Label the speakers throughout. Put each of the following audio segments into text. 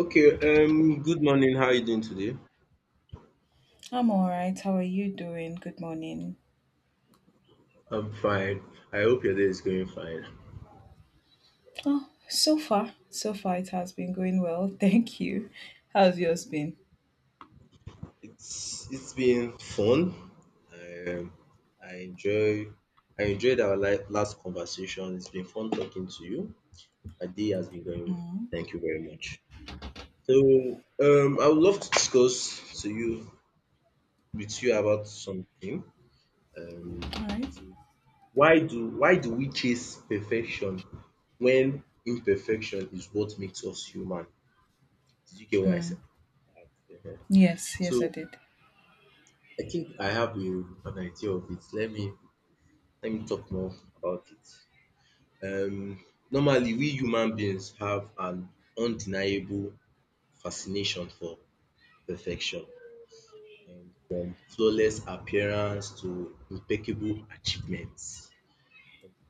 Speaker 1: Okay, good morning. How are you doing today?
Speaker 2: I'm all right. How are you doing? Good morning.
Speaker 1: I'm fine. I hope your day is going fine.
Speaker 2: Oh, so far it has been going well. Thank you. How's yours been?
Speaker 1: It's been fun. Um, I enjoy I enjoyed our last conversation. It's been fun talking to you. My day has been going well.
Speaker 2: Mm,
Speaker 1: Thank you very much. So, I would love to discuss to you with you about something.
Speaker 2: all
Speaker 1: It
Speaker 2: right.
Speaker 1: is why do we chase perfection when imperfection is what makes us human? Did you get what I
Speaker 2: Mm,
Speaker 1: said? Mhm.
Speaker 2: yes, yes, I
Speaker 1: So
Speaker 2: did.
Speaker 1: I think I have an idea of it. Let me talk more about it. Um, normally, we human beings have an undeniable fascination for perfection, from flawless appearance to impeccable achievements.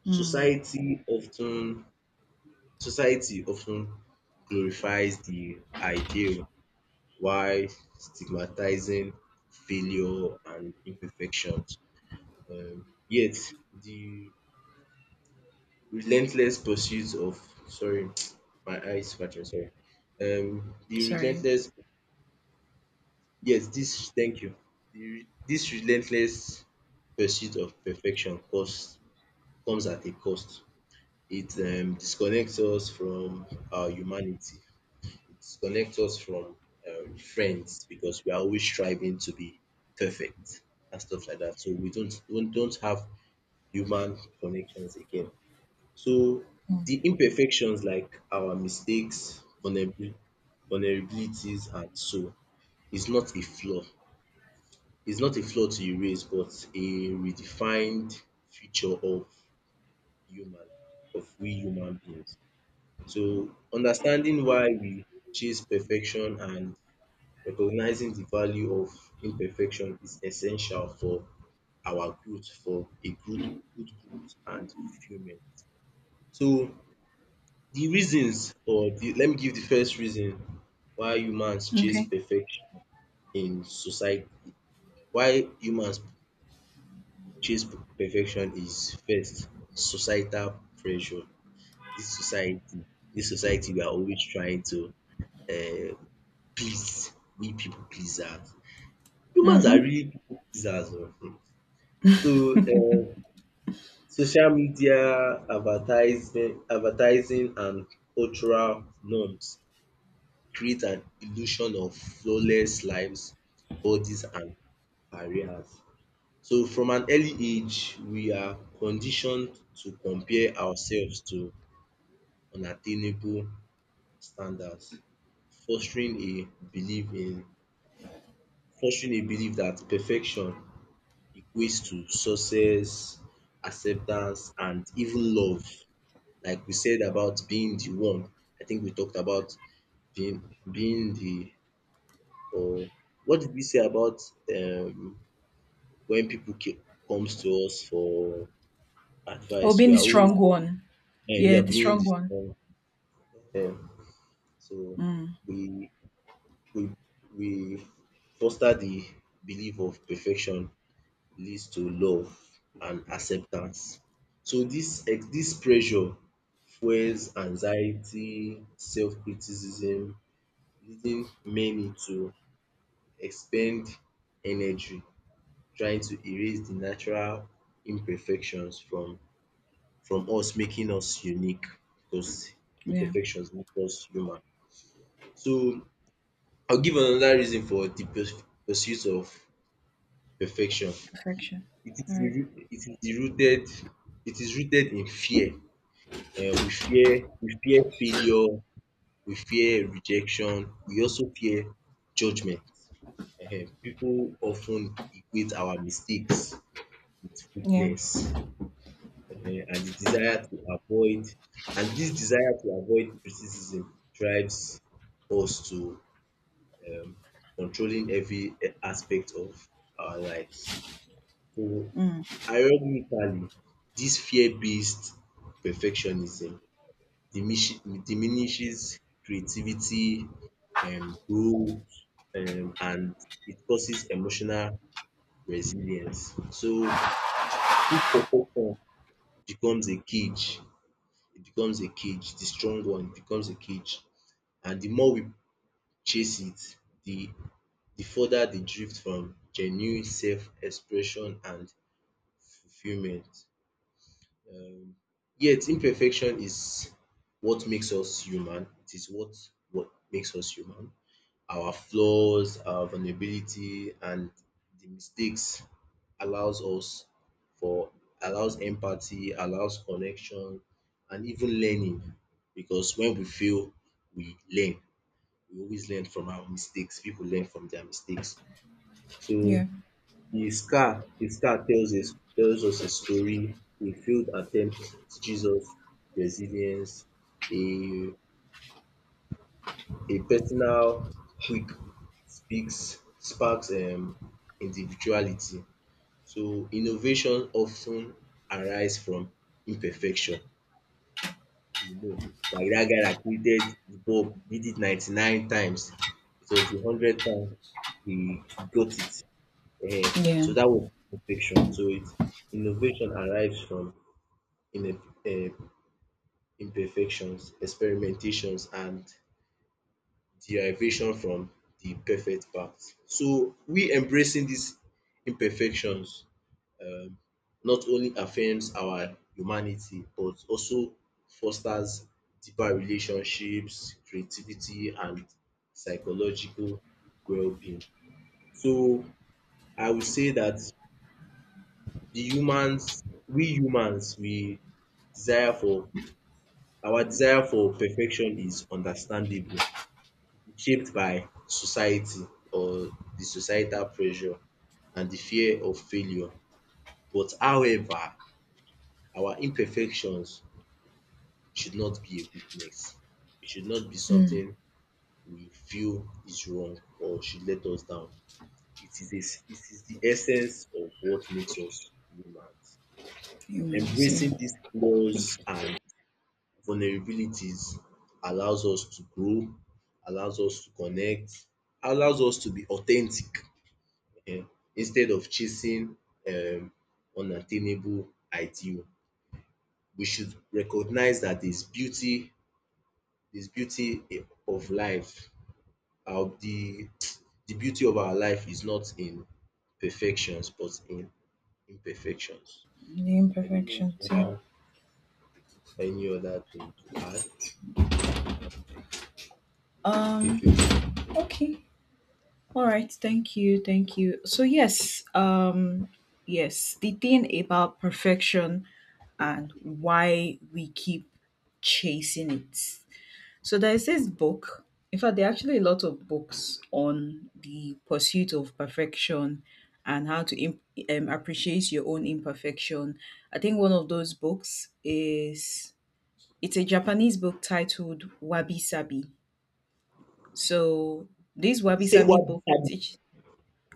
Speaker 2: Mm,
Speaker 1: Society often Society often glorifies the ideal while stigmatizing failure and imperfections. Yet the relentless pursuit of, sorry. My eyes watching, sorry. The
Speaker 2: sorry.
Speaker 1: relentless, yes, this, thank you. This relentless pursuit of perfection costs comes at a cost. It disconnects us from our humanity. It disconnects us from, friends, because we are always striving to be perfect and stuff like that. So we don't have human connections again. So
Speaker 2: Mm,
Speaker 1: the imperfections, like our mistakes, vulnerabilities and so, is not a flaw. It's not a flaw to erase but a redefined feature of human of we human beings. So understanding why we chase perfection and recognizing the value of imperfection is essential for our growth, for a good growth and fulfillment. So, The reasons or the let me give the first reason why humans chase
Speaker 2: okay.
Speaker 1: perfection in society, why humans chase perfection, is first societal pressure. This society this society, we are always trying to, um please, we people pleasers. Humans are
Speaker 2: Mm-hmm.
Speaker 1: really people pleasers oo. So, social media, advertising and cultural norms create an illusion of flawless lives, bodies and careers. So from an early age, we are conditioned to compare ourselves to unattainable standards, fostering a belief in fostering a belief that perfection equates to success, acceptance and even love. Like we said about being the one, I think we talked about being being the, um what did we say about, um when people comes to us for
Speaker 2: Oh,
Speaker 1: advice?
Speaker 2: being
Speaker 1: We
Speaker 2: the
Speaker 1: are always,
Speaker 2: strong one. Yeah,
Speaker 1: yeah,
Speaker 2: the
Speaker 1: being
Speaker 2: strong
Speaker 1: the
Speaker 2: one.
Speaker 1: strong, um. So
Speaker 2: Mm,
Speaker 1: we we we foster the belief of perfection leads to love and acceptance. So this pressure fuels anxiety, self-criticism, leading many to expend energy trying to erase the natural imperfections from us, making us unique because
Speaker 2: yeah,
Speaker 1: imperfections make us human. So I'll give another reason for the pursuit of perfection.
Speaker 2: perfection.
Speaker 1: It is
Speaker 2: All
Speaker 1: the
Speaker 2: right.
Speaker 1: roo- it is the rooted it is rooted in fear. We fear we fear failure, we fear rejection, we also fear judgment. Ehen, people often equate our mistakes with
Speaker 2: Yeah.
Speaker 1: weakness, um and the desire to avoid and this desire to avoid criticism drives us to, um controlling every, aspect of our lives. So
Speaker 2: Mm,
Speaker 1: ironically, this fear based perfectionism diminish diminishes creativity, growth, and it causes emotional resilience. So, who, perfection becomes a cage, it becomes a cage, the strong one, it becomes a cage. And the more we chase it, the the further they drift from genuine self expression and fulfillment. Um yet imperfection is what makes us human, it is what makes us human, our flaws, our vulnerability, and the mistakes allows us for allows empathy, allows connection, and even learning. Because when we fail, we learn. We always learn from our mistakes. People learn from their mistakes.
Speaker 2: yeah.
Speaker 1: So the scar tells us a story. A failed attempt teaches us resilience. A A personal quick speaks sparks, individuality. So innovation of ten arise from imperfection. You know, like dat guy dat created the bulb, did it 99 times. It was the 100th time he got it.
Speaker 2: Yeah.
Speaker 1: So dat was imperfection. So, it innovation arise from, in imperfections, experimentations and derivation from the perfect path. So we embracing these imperfections, um not only affirms our humanity but also fosters deeper relationships, creativity and psychological well-being. So I would say that the humans we humans, we desire for our desire for perfection is understandable, shaped by society, or the societal pressure and the fear of failure. But however, our imperfections should not be a weakness. It should not be
Speaker 2: Mm,
Speaker 1: something we feel is wrong or should let us down. It is the essence of what makes us humans.
Speaker 2: humans, yeah.
Speaker 1: Embracing these flaws and vulnerabilities allows us to grow, allows us to connect, allows us to be authentic, um instead of chasing, um unattainable ideal, we should recognize that there's beauty in of life. The the beauty of our life is not in perfections but in imperfections.
Speaker 2: The
Speaker 1: I don't know if
Speaker 2: imperfections,
Speaker 1: you
Speaker 2: yeah.
Speaker 1: have any other thing to add. Uh, If
Speaker 2: Um,
Speaker 1: you
Speaker 2: okay. All right, thank you, thank you. So yes, yes, the thing about perfection and why we keep chasing it. So there's this book. In fact, there are actually a lot of books on the pursuit of perfection and how to appreciate your own imperfection. I think one of those books is it's a Japanese book titled Wabi Sabi. So this
Speaker 1: You
Speaker 2: Wabi
Speaker 1: say
Speaker 2: Sabi
Speaker 1: what?
Speaker 2: book teach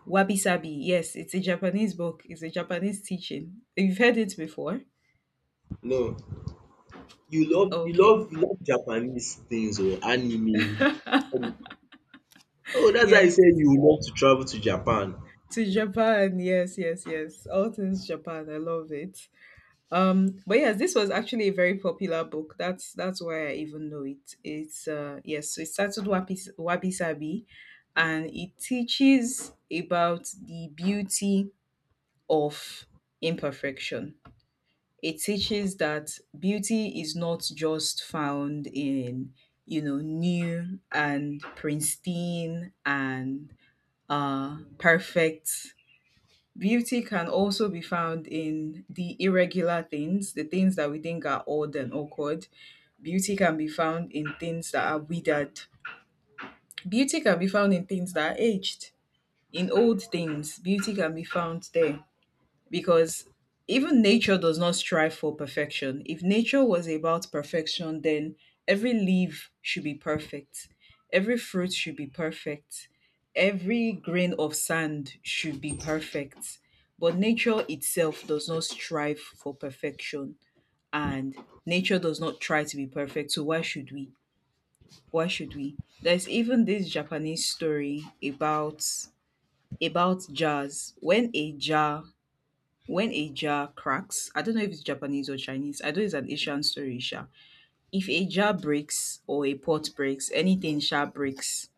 Speaker 2: Wabi Sabi. Yes, it's a Japanese book. It's a Japanese teaching. You've heard it before?
Speaker 1: No, you love you love
Speaker 2: Okay.
Speaker 1: you love Japanese things or anime. Oh, that's why you
Speaker 2: Yes.
Speaker 1: said you would love to travel to Japan.
Speaker 2: To Japan. Yes, yes, yes. All things Japan. I love it. But yes, this was actually a very popular book. That's why I even know it. It's yes, so it started Wabi Sabi, and it teaches about the beauty of imperfection. It teaches that beauty is not just found in, new and pristine and perfect. Beauty can also be found in the irregular things, the things that we think are odd and awkward. Beauty can be found in things that are withered. Beauty can be found in things that are aged. In old things, beauty can be found there, because even nature does not strive for perfection. If nature was about perfection, then every leaf should be perfect, every fruit should be perfect, every grain of sand should be perfect. But nature itself does not strive for perfection, and nature does not try to be perfect. So, why should we? Why should we? There's even this Japanese story about jars. When a jar cracks, I don't know if it's Japanese or Chinese. I know it's an Asian story, sha. If a jar breaks or a pot breaks, anything sha breaks.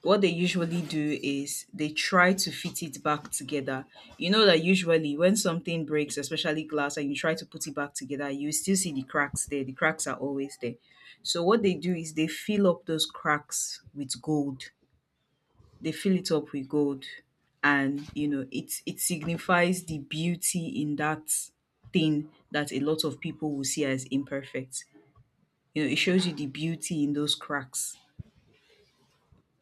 Speaker 2: What they usually do is they try to fit it back together. You know that usually when something breaks, especially glass, and you try to put it back together, you still see the cracks there. The cracks are always there. So what they do is they fill up those cracks with gold. They fill it up with gold, and you know it signifies the beauty in that thing that a lot of people will see as imperfect. You know, it shows you the beauty in those cracks.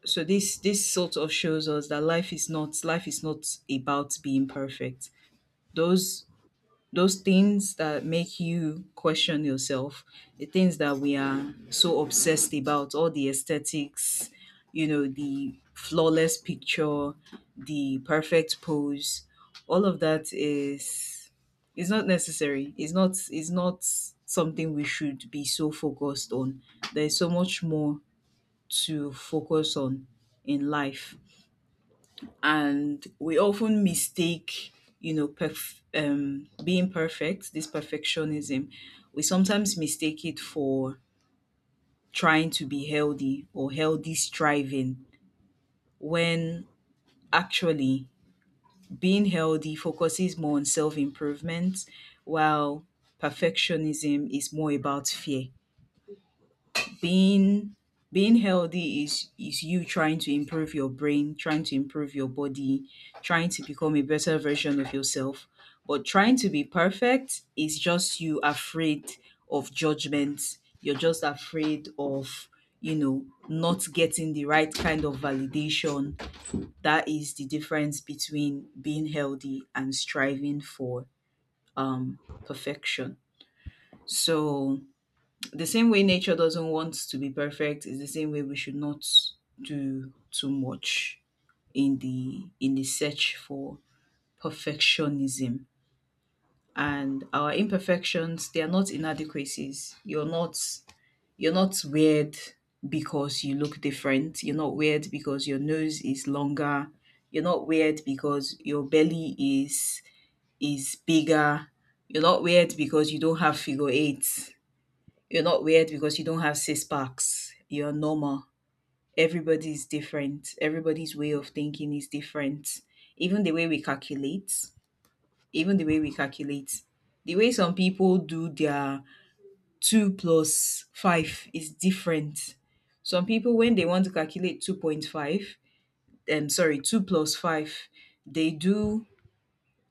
Speaker 2: So this sort of shows us that life is not about being perfect. Those those things that make you question yourself, the things that we are so obsessed about, all the aesthetics, the flawless picture, the perfect pose, all of that is not necessary. It's not something we should be so focused on. There is so much more to focus on in life, and we often mistake, being perfect, this perfectionism. We sometimes mistake it for trying to be healthy, or healthy striving, when actually being healthy focuses more on self-improvement, while perfectionism is more about fear. Being being healthy is you trying to improve your brain, trying to improve your body, trying to become a better version of yourself. But trying to be perfect is just you afraid of judgment. You're just afraid of, not getting the right kind of validation. That is the difference between being healthy and striving for um perfection. So the same way nature doesn't want to be perfect is the same way we should not do too much in the search for perfectionism. And our imperfections, they are not inadequacies. You're not weird because you look different. You're not weird because your nose is longer. You're not weird because your belly is bigger. You're not weird because you don't have figure eights. You're not weird because you don't have six packs. You're normal. Everybody's different. Everybody's way of thinking is different. Even the way we calculate, even the way we calculate, the way some people do their two plus five is different. Some people, when they want to calculate 2.5, sorry, two plus five, they do,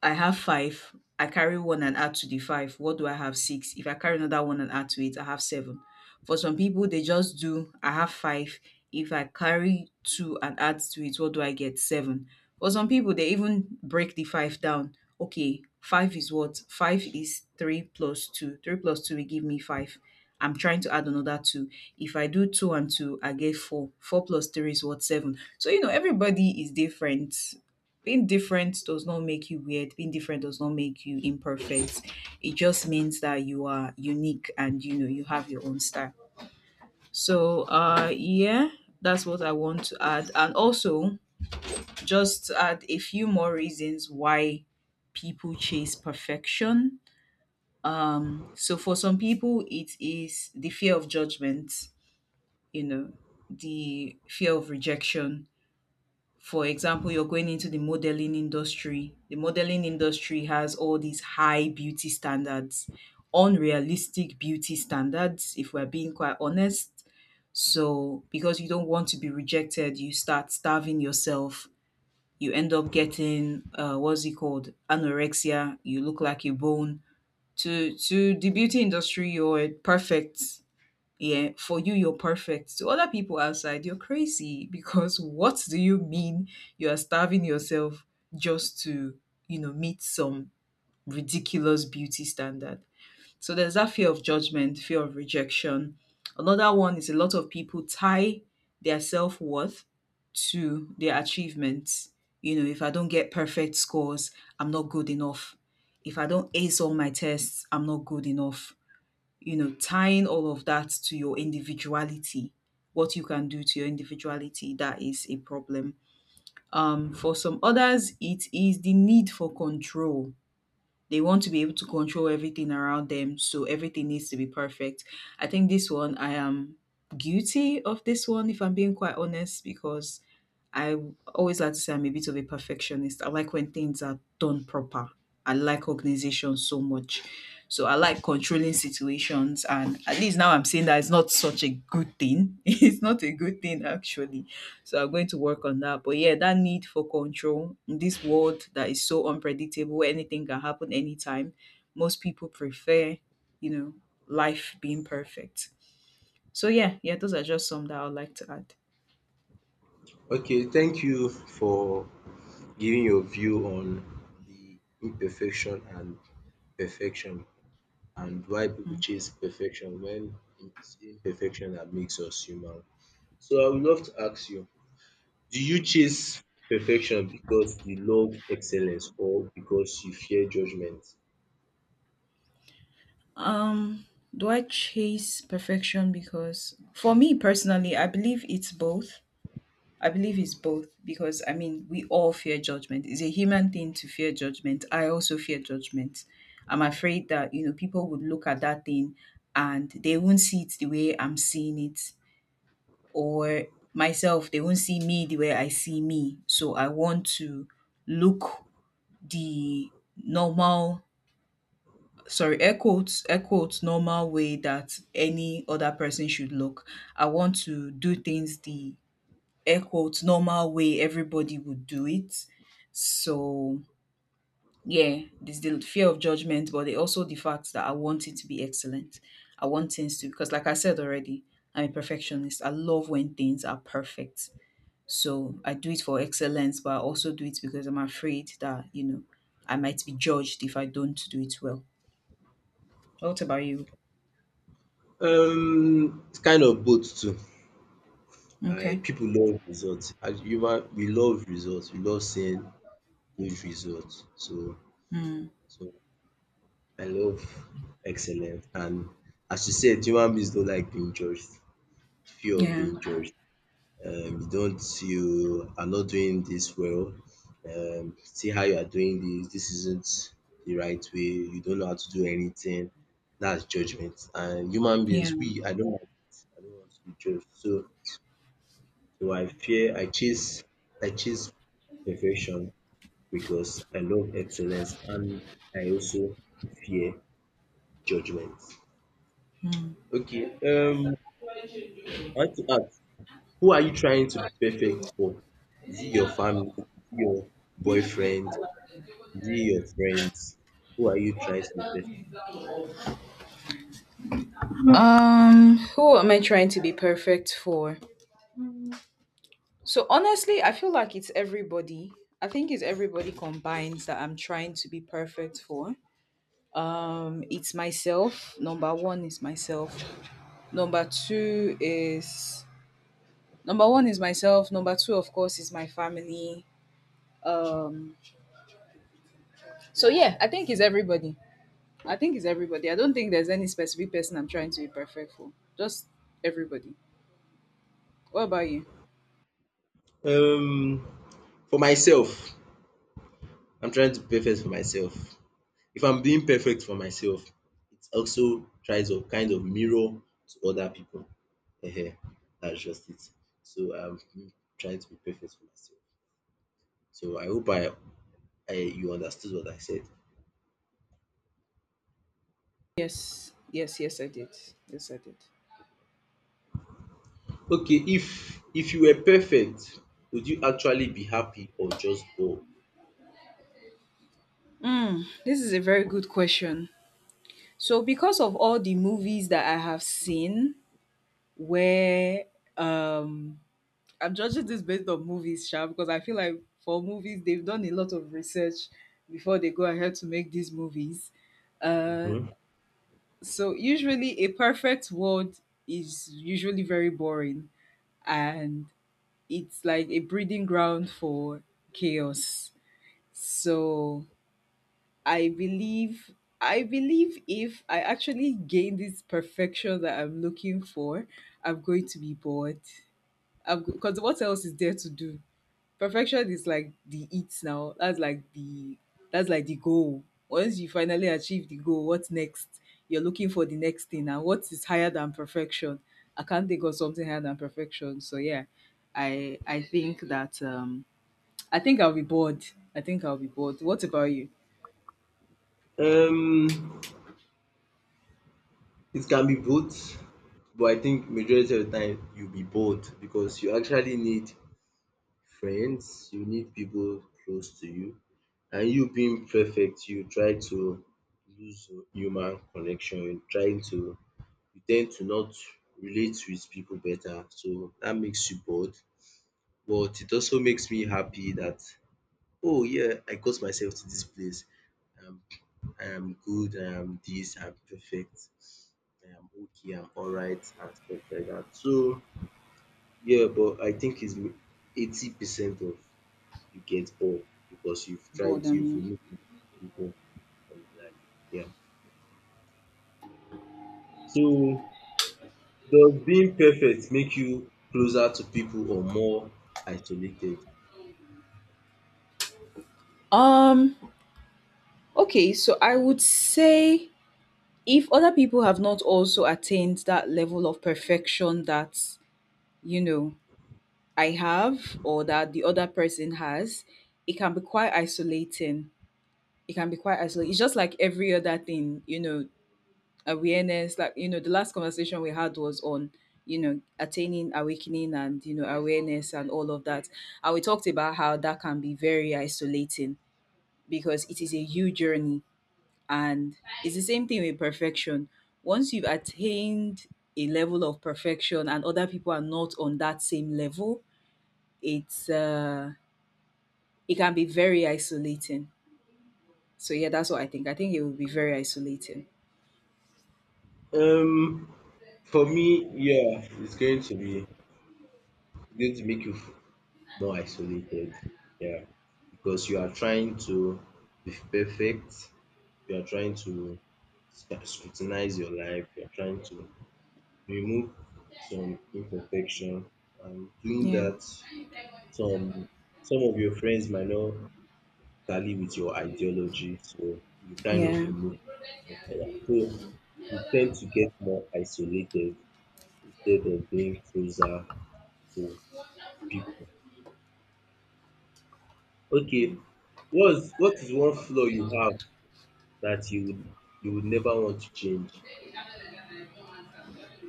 Speaker 2: I have five. I carry one and add to the five. What do I have? Six. If I carry another one and add to it, I have seven. For some people, they just do, I have five. If I carry two and add to it, what do I get? Seven. For some people, they even break the five down. Okay, five is what? Five is three plus two. Three plus two will give me five. I'm trying to add another two. If I do two and two, I get four. Four plus three is what? Seven. So, everybody is different. Being different does not make you weird, being different does not make you imperfect. It just means that you are unique, and you have your own style. So yeah, that's what I want to add, and also just add a few more reasons why people chase perfection. So for some people, it is the fear of judgment, you know the fear of rejection. For example, you're going into the modeling industry. The modeling industry has all these high beauty standards, unrealistic beauty standards if we're being quite honest. So because you don't want to be rejected, you start starving yourself. You end up getting, what's it called, anorexia. You look like a bone. To the beauty industry, you're perfect. Yeah, for you're perfect. To other people outside, you're crazy because what do you mean, you are starving yourself just to, meet some ridiculous beauty standard? So there's that fear of judgment, fear of rejection. Another one is, a lot of people tie their self-worth to their achievements. If I don't get perfect scores, I'm not good enough. If I don't ace all my tests, I'm not good enough. Tying all of that to your individuality, what you can do to your individuality, that is a problem. For some others, it is the need for control. They want to be able to control everything around them, so everything needs to be perfect. I think this one, I am guilty of this one, if I'm being quite honest, because I always like to say I'm a bit of a perfectionist. I like when things are done proper. I like organization so much. So I like controlling situations, and at least now I'm saying that it's not such a good thing. It's not a good thing, actually. So I'm going to work on that. But yeah, that need for control in this world that is so unpredictable, where anything can happen anytime. Most people prefer, you know, life being perfect. So yeah, yeah, those are just some that I would like to add.
Speaker 1: Okay, thank you for giving your view on the imperfection and perfection and why people chase perfection when it's imperfection that makes us human. So I would love to ask you, do you chase perfection because you love excellence or because you fear judgment?
Speaker 2: Um, do I chase perfection? Because for me personally, I believe it's both. I believe it's both, because I mean, we all fear judgment. It's a human thing to fear judgment. I also fear judgment. I'm afraid that, people would look at that thing and they won't see it the way I'm seeing it, or myself, they won't see me the way I see me. So I want to look the normal, sorry, air quotes, air quotes normal way that any other person should look. I want to do things the air quotes normal way everybody would do it. So yeah, there's the fear of judgment, but it also the fact that I want it to be excellent. I want things to, because like I said already, I'm a perfectionist. I love when things are perfect. So I do it for excellence, but I also do it because I'm afraid that, I might be judged if I don't do it well. What about you?
Speaker 1: It's kind of both too. I
Speaker 2: Okay.
Speaker 1: People love results. As human, we love results. We love seeing good results. So,
Speaker 2: Mm.
Speaker 1: so I love excellence, and as you said, human beings don't like being judged, fear of
Speaker 2: Yeah.
Speaker 1: being judged. You are not doing this well, see how you are doing this, this isn't the right way, you don't know how to do anything. That's judgment. And human
Speaker 2: Yeah.
Speaker 1: beings, we I don't like it. I don't want to be judged. So, I fear, I chase perfection because I love excellence, and I also fear judgment. Okay, I want to ask, who are you trying to be perfect for? Is it your family? Is it your boyfriend? Is it your friends? Who are you trying to be perfect?
Speaker 2: Who am I trying to be perfect for? So honestly, I feel like it's everybody. I think it's everybody combined that I'm trying to be perfect for. It's myself. Number one is myself. Number two is Number one is myself. Number two, of course, is my family. Um, so yeah, I think it's everybody. I think it's everybody. I don't think there's any specific person I'm trying to be perfect for. Just everybody. What about you?
Speaker 1: Um, for myself, I'm trying to be perfect for myself. If I'm being perfect for myself, it also tries to kind of mirror to other people. Ehen, that's just it. So I'm trying to be perfect for myself. So I hope, I you understood what I said.
Speaker 2: Yes, yes, yes, I did. Yes, I did.
Speaker 1: Okay, if you were perfect, would you actually be happy or just bored?
Speaker 2: Mm, this is a very good question. So because of all the movies that I have seen, where um I'm judging this based on movies, sha, because I feel like for movies they've done a lot of research before they go ahead to make these movies.
Speaker 1: Mhm.
Speaker 2: So usually a perfect world is usually very boring, and it's like a breeding ground for chaos. So I believe I believe if I actually gain this perfection that I'm looking for, I'm going to be bored. I'm Because what else is there to do? Perfection is like the it now. That's like the goal. Once you finally achieve the goal, what's next? You're looking for the next thing, and what is higher than perfection? I can't think of something higher than perfection. So yeah, I I think that um I think I'll be bored. I think I'll be bored. What about you?
Speaker 1: Um, it can be both, but I think majority of the time you'll be bored because you actually need friends, you need people close to you, and you being perfect, you try to lose human connection, you tend to not relate with people better, so that makes you bored. But it also makes me happy that, oh yeah, I got myself to this place. Um, I am good, I am this, I'm perfect, I am okay, I'm alright, and stuff like that. So yeah, but I think it's 80% of, you get bored because you've tried, you've
Speaker 2: Boredom.
Speaker 1: removed people from your life. Yeah. So does being perfect make you closer to people or more isolated?
Speaker 2: Um, okay, so I would say if other people have not also attained that level of perfection that, you know, I have or that the other person has, it can be quite isolating. It can be quite isolating. It's just like every other thing, awareness, like, the last conversation we had was on, attaining, awakening, and, awareness and all of that. And we talked about how that can be very isolating because it is a huge journey. And it's the same thing with perfection. Once you've attained a level of perfection and other people are not on that same level, it's uh, it can be very isolating. So yeah, that's what I think. I think it would be very isolating.
Speaker 1: Um For me, yeah, it's going to make you more isolated. Yeah, because you are trying to be perfect. You are trying to scrutinize your life. You are trying to remove some imperfection. And doing
Speaker 2: Yeah,
Speaker 1: that, some some of your friends might not tally with your ideology, so you kind of
Speaker 2: yeah.
Speaker 1: remove yourself. So you tend to get more isolated instead of being closer to people. Okay, what is one flaw you have that you would never want to change?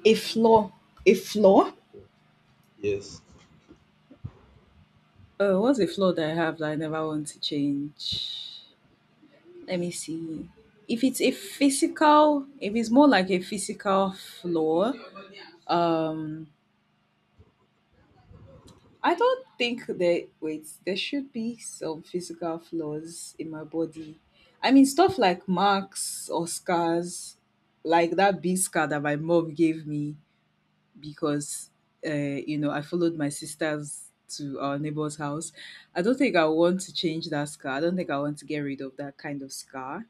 Speaker 2: A flaw, a flaw.
Speaker 1: Yes.
Speaker 2: What's a flaw that I have that I never want to change? Let me see. If it's a physical, if it's more like a physical flaw, um, I don't think there wait, there should be some physical flaws in my body. I mean stuff like marks or scars, like that big scar that my mom gave me because uh, I followed my sisters to our neighbor's house. I don't think I want to change that scar. I don't think I want to get rid of that kind of scar.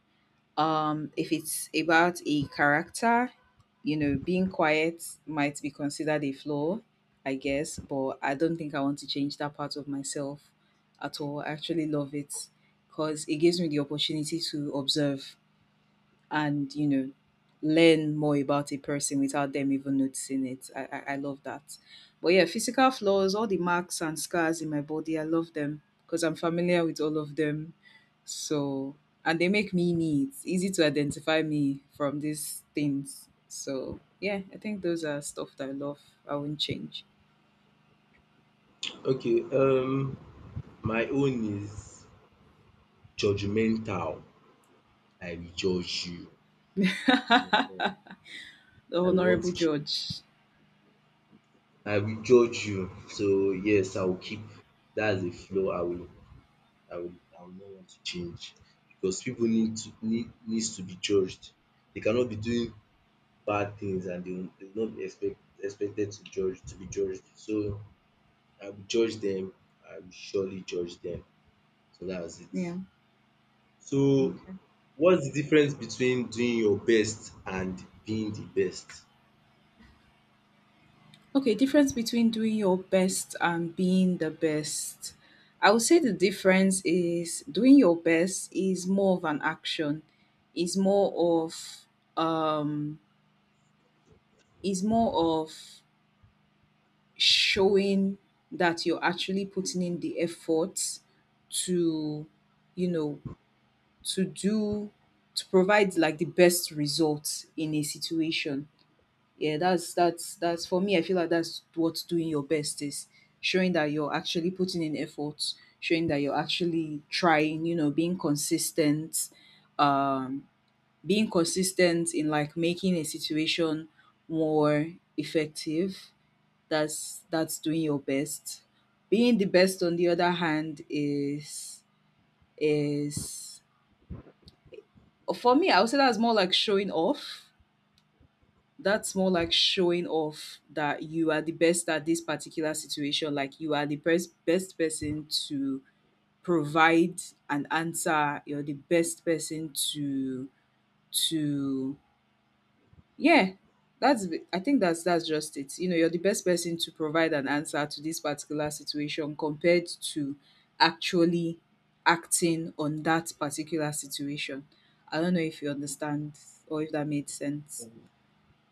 Speaker 2: If it's about a character, being quiet might be considered a flaw, I guess, but I don't think I want to change that part of myself at all. I actually love it because it gives me the opportunity to observe and learn more about a person without them even noticing it. I love that. But yeah, physical flaws, all the marks and scars in my body, I love them because I'm familiar with all of them. So and they make me me, it's easy to identify me from these things. So yeah, I think those are stuff that I love, I won't change.
Speaker 1: Okay. My own is judgmental. I will judge you. Yeah.
Speaker 2: The
Speaker 1: I want
Speaker 2: honorable
Speaker 1: to keep.
Speaker 2: judge.
Speaker 1: I will judge you. So yes, I will keep. That's a flaw. I will. I will not want to change because people needs to be judged. They cannot be doing bad things, and they will not be expected to be judged. So I will judge them. I will surely judge them. So that's it.
Speaker 2: Yeah.
Speaker 1: So
Speaker 2: Mm.
Speaker 1: what's the difference between doing your best and being the best?
Speaker 2: Okay, difference between doing your best and being the best. I would say the difference is doing your best is more of an action, is more of um is more of showing that you're actually putting in the effort to you know to do to provide like the best results in a situation. Yeah, that's for me. I feel like that's what doing your best is, showing that you're actually putting in effort, showing that you're actually trying, um, being consistent in like making a situation more effective. That's doing your best. Being the best, on the other hand, is for me. I would say that's more like showing off, that you are the best at this particular situation, like you are the best best person to provide an answer. You're the best person to yeah, that's, I think that's just it. You're the best person to provide an answer to this particular situation compared to actually acting on that particular situation. I don't know if you understand or if that made sense.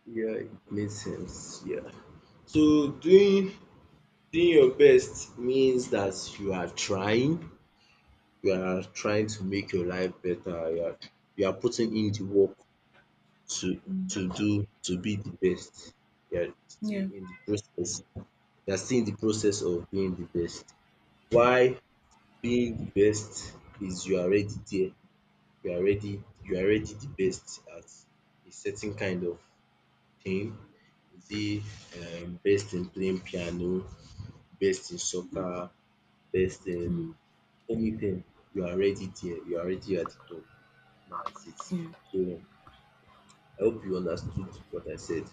Speaker 1: Yeah, it makes sense. Yeah. So
Speaker 2: Okay.
Speaker 1: doing your best means that you are trying, you are trying to make your life better. You are putting in the work to
Speaker 2: Mm,
Speaker 1: to do to be the best. They are still
Speaker 2: yeah.
Speaker 1: in the process. They are still in the process of being the best. Why being the best is you are already there. You are already the best at a certain kind of thing. Is it, best in playing piano, best in soccer, best in
Speaker 2: Mm,
Speaker 1: anything. You are already there. You are already at the top. That's it.
Speaker 2: yeah.
Speaker 1: So I hope you understood what I said.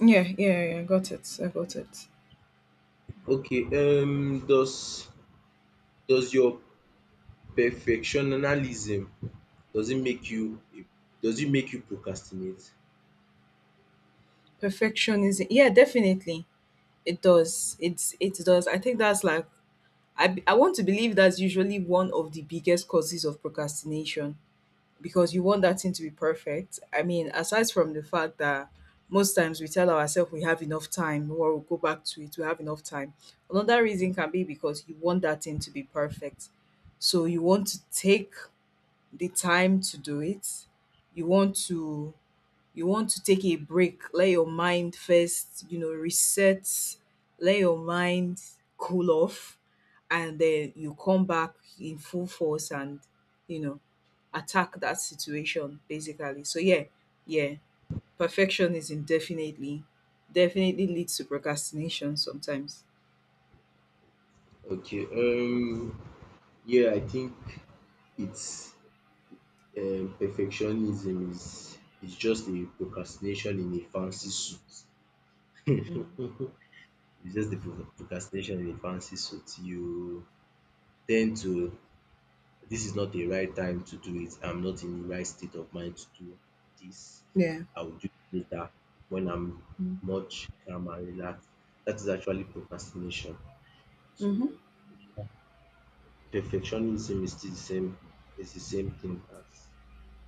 Speaker 2: Yeah, yeah, yeah, I got it. I got it.
Speaker 1: Okay, um, does does your perfectionism, does it make you does it make you procrastinate?
Speaker 2: Perfectionism. Yeah, definitely. It does. It does. I think that's like I want to believe that's usually one of the biggest causes of procrastination because you want that thing to be perfect. I mean, aside from the fact that most times we tell ourselves we have enough time or we'll go back to it, we have enough time. Another reason can be because you want that thing to be perfect. So you want to take the time to do it. You want to you want to take a break, let your mind first, reset, let your mind cool off, and then you come back in full force and, you know, attack that situation basically. So, yeah, yeah, perfectionism definitely, definitely leads to procrastination sometimes.
Speaker 1: Okay, yeah, I think it's, perfectionism is just a procrastination in a fancy
Speaker 2: Mm.
Speaker 1: suit. It's just the procrastination in a fancy suit. You tend to this is not the right time to do it. I'm not in the right state of mind to do this.
Speaker 2: Yeah.
Speaker 1: I will do it later when I'm
Speaker 2: Mm.
Speaker 1: much calm and relaxed. That is actually procrastination. So
Speaker 2: Mm-hmm.
Speaker 1: perfectionism is the same thing as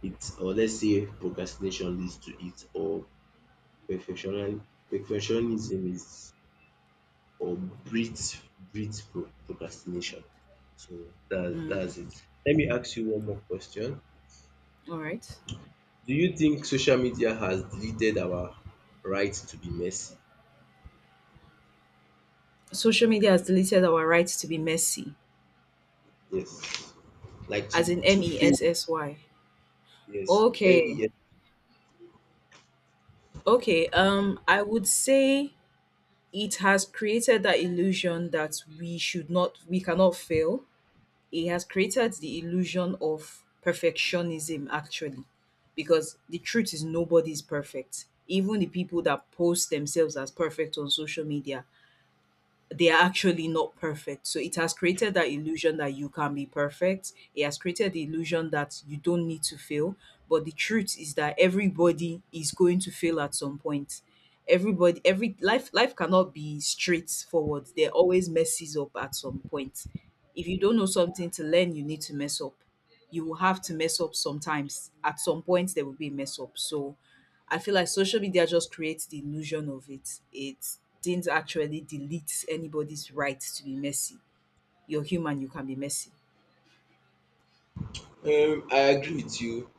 Speaker 1: it, or let's say procrastination leads to it, or perfectionism, is, or breeds procrastination. So
Speaker 2: Mm.
Speaker 1: that's it. Let me ask you one more question.
Speaker 2: All right.
Speaker 1: Do you think social media has deleted our right to be messy?
Speaker 2: Social media has deleted our rights to be messy,
Speaker 1: Yes. Like to
Speaker 2: as in
Speaker 1: to
Speaker 2: M E
Speaker 1: feel.
Speaker 2: S S Y.
Speaker 1: Yes. M E
Speaker 2: Okay,
Speaker 1: S.
Speaker 2: okay, I would say it has created that illusion that we should not, we cannot fail. It has created the illusion of perfectionism, actually, because the truth is nobody is perfect. Even the people that post themselves as perfect on social media, they are actually not perfect. So it has created that illusion that you can be perfect. It has created the illusion that you don't need to fail. But the truth is that everybody is going to fail at some point. Everybody, every life, life cannot be straightforward. There always messes up at some point. If you don't know something to learn, you need to mess up. You will have to mess up sometimes. At some point, there will be a mess up. So I feel like social media just creates the illusion of it. It didn't actually delete anybody's right to be messy. You're human, you can be messy.
Speaker 1: I agree with you.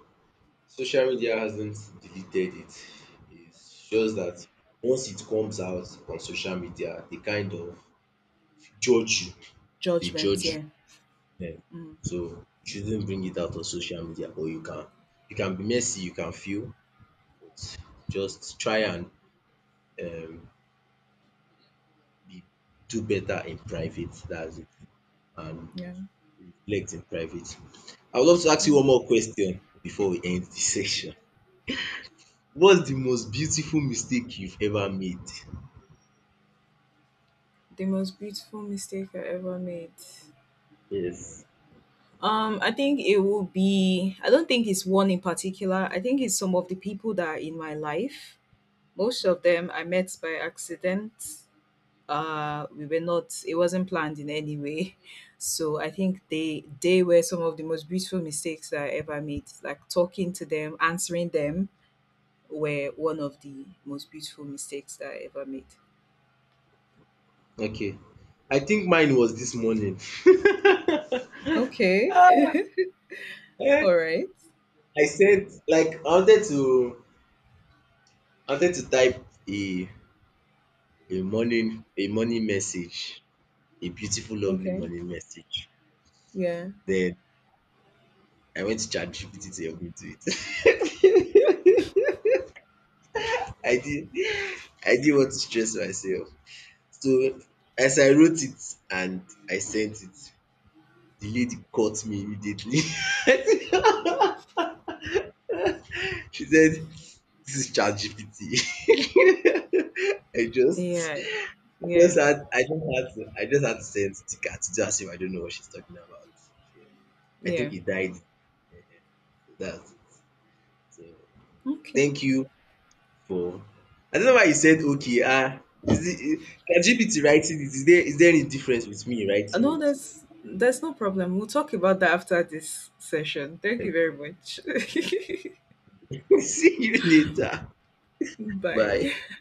Speaker 1: Social media hasn't deleted it. It's just that once it comes out on social media, they kind of judge you. They
Speaker 2: Judgment,
Speaker 1: judge you.
Speaker 2: yeah.
Speaker 1: Yeah.
Speaker 2: Mm,
Speaker 1: So you shouldn't bring it out on social media, but you can. You can be messy. You can feel, but just try and, um, be do better in private, that's it, and
Speaker 2: yeah.
Speaker 1: reflect in private. I would love to ask you one more question before we end this session. What's the most beautiful mistake you've ever made?
Speaker 2: The most beautiful mistake I ever made.
Speaker 1: Yes.
Speaker 2: I think it will be, I don't think it's one in particular. I think it's some of the people that are in my life. Most of them I met by accident. We were not It wasn't planned in any way. So I think they were some of the most beautiful mistakes that I ever made, like talking to them, answering them, were one of the most beautiful mistakes that I ever made.
Speaker 1: Okay. I think mine was this morning.
Speaker 2: Okay.
Speaker 1: Eh,
Speaker 2: All right.
Speaker 1: I said, like I wanted to, type a morning message, a beautiful lovely
Speaker 2: Okay.
Speaker 1: morning message.
Speaker 2: Yeah,
Speaker 1: Then I went to ChatGPT to help me do it. I did I didn't want to stress myself. So, as I wrote it and I sent it, the lady caught me immediately. She said, "This is ChatGPT." I just
Speaker 2: yeah, yeah,
Speaker 1: I just had to I just had to send sticker to do as if I don't know what she's talking about. So, I think
Speaker 2: yeah.
Speaker 1: it died that. So,
Speaker 2: Okay.
Speaker 1: thank you for, I don't know why you said okay. Is it ChatGPT writing it? Is there any difference with me
Speaker 2: No,
Speaker 1: writing
Speaker 2: that's no problem, we'll talk about that after this session. Thank you very much.
Speaker 1: it? See you later. Bye.
Speaker 2: Bye.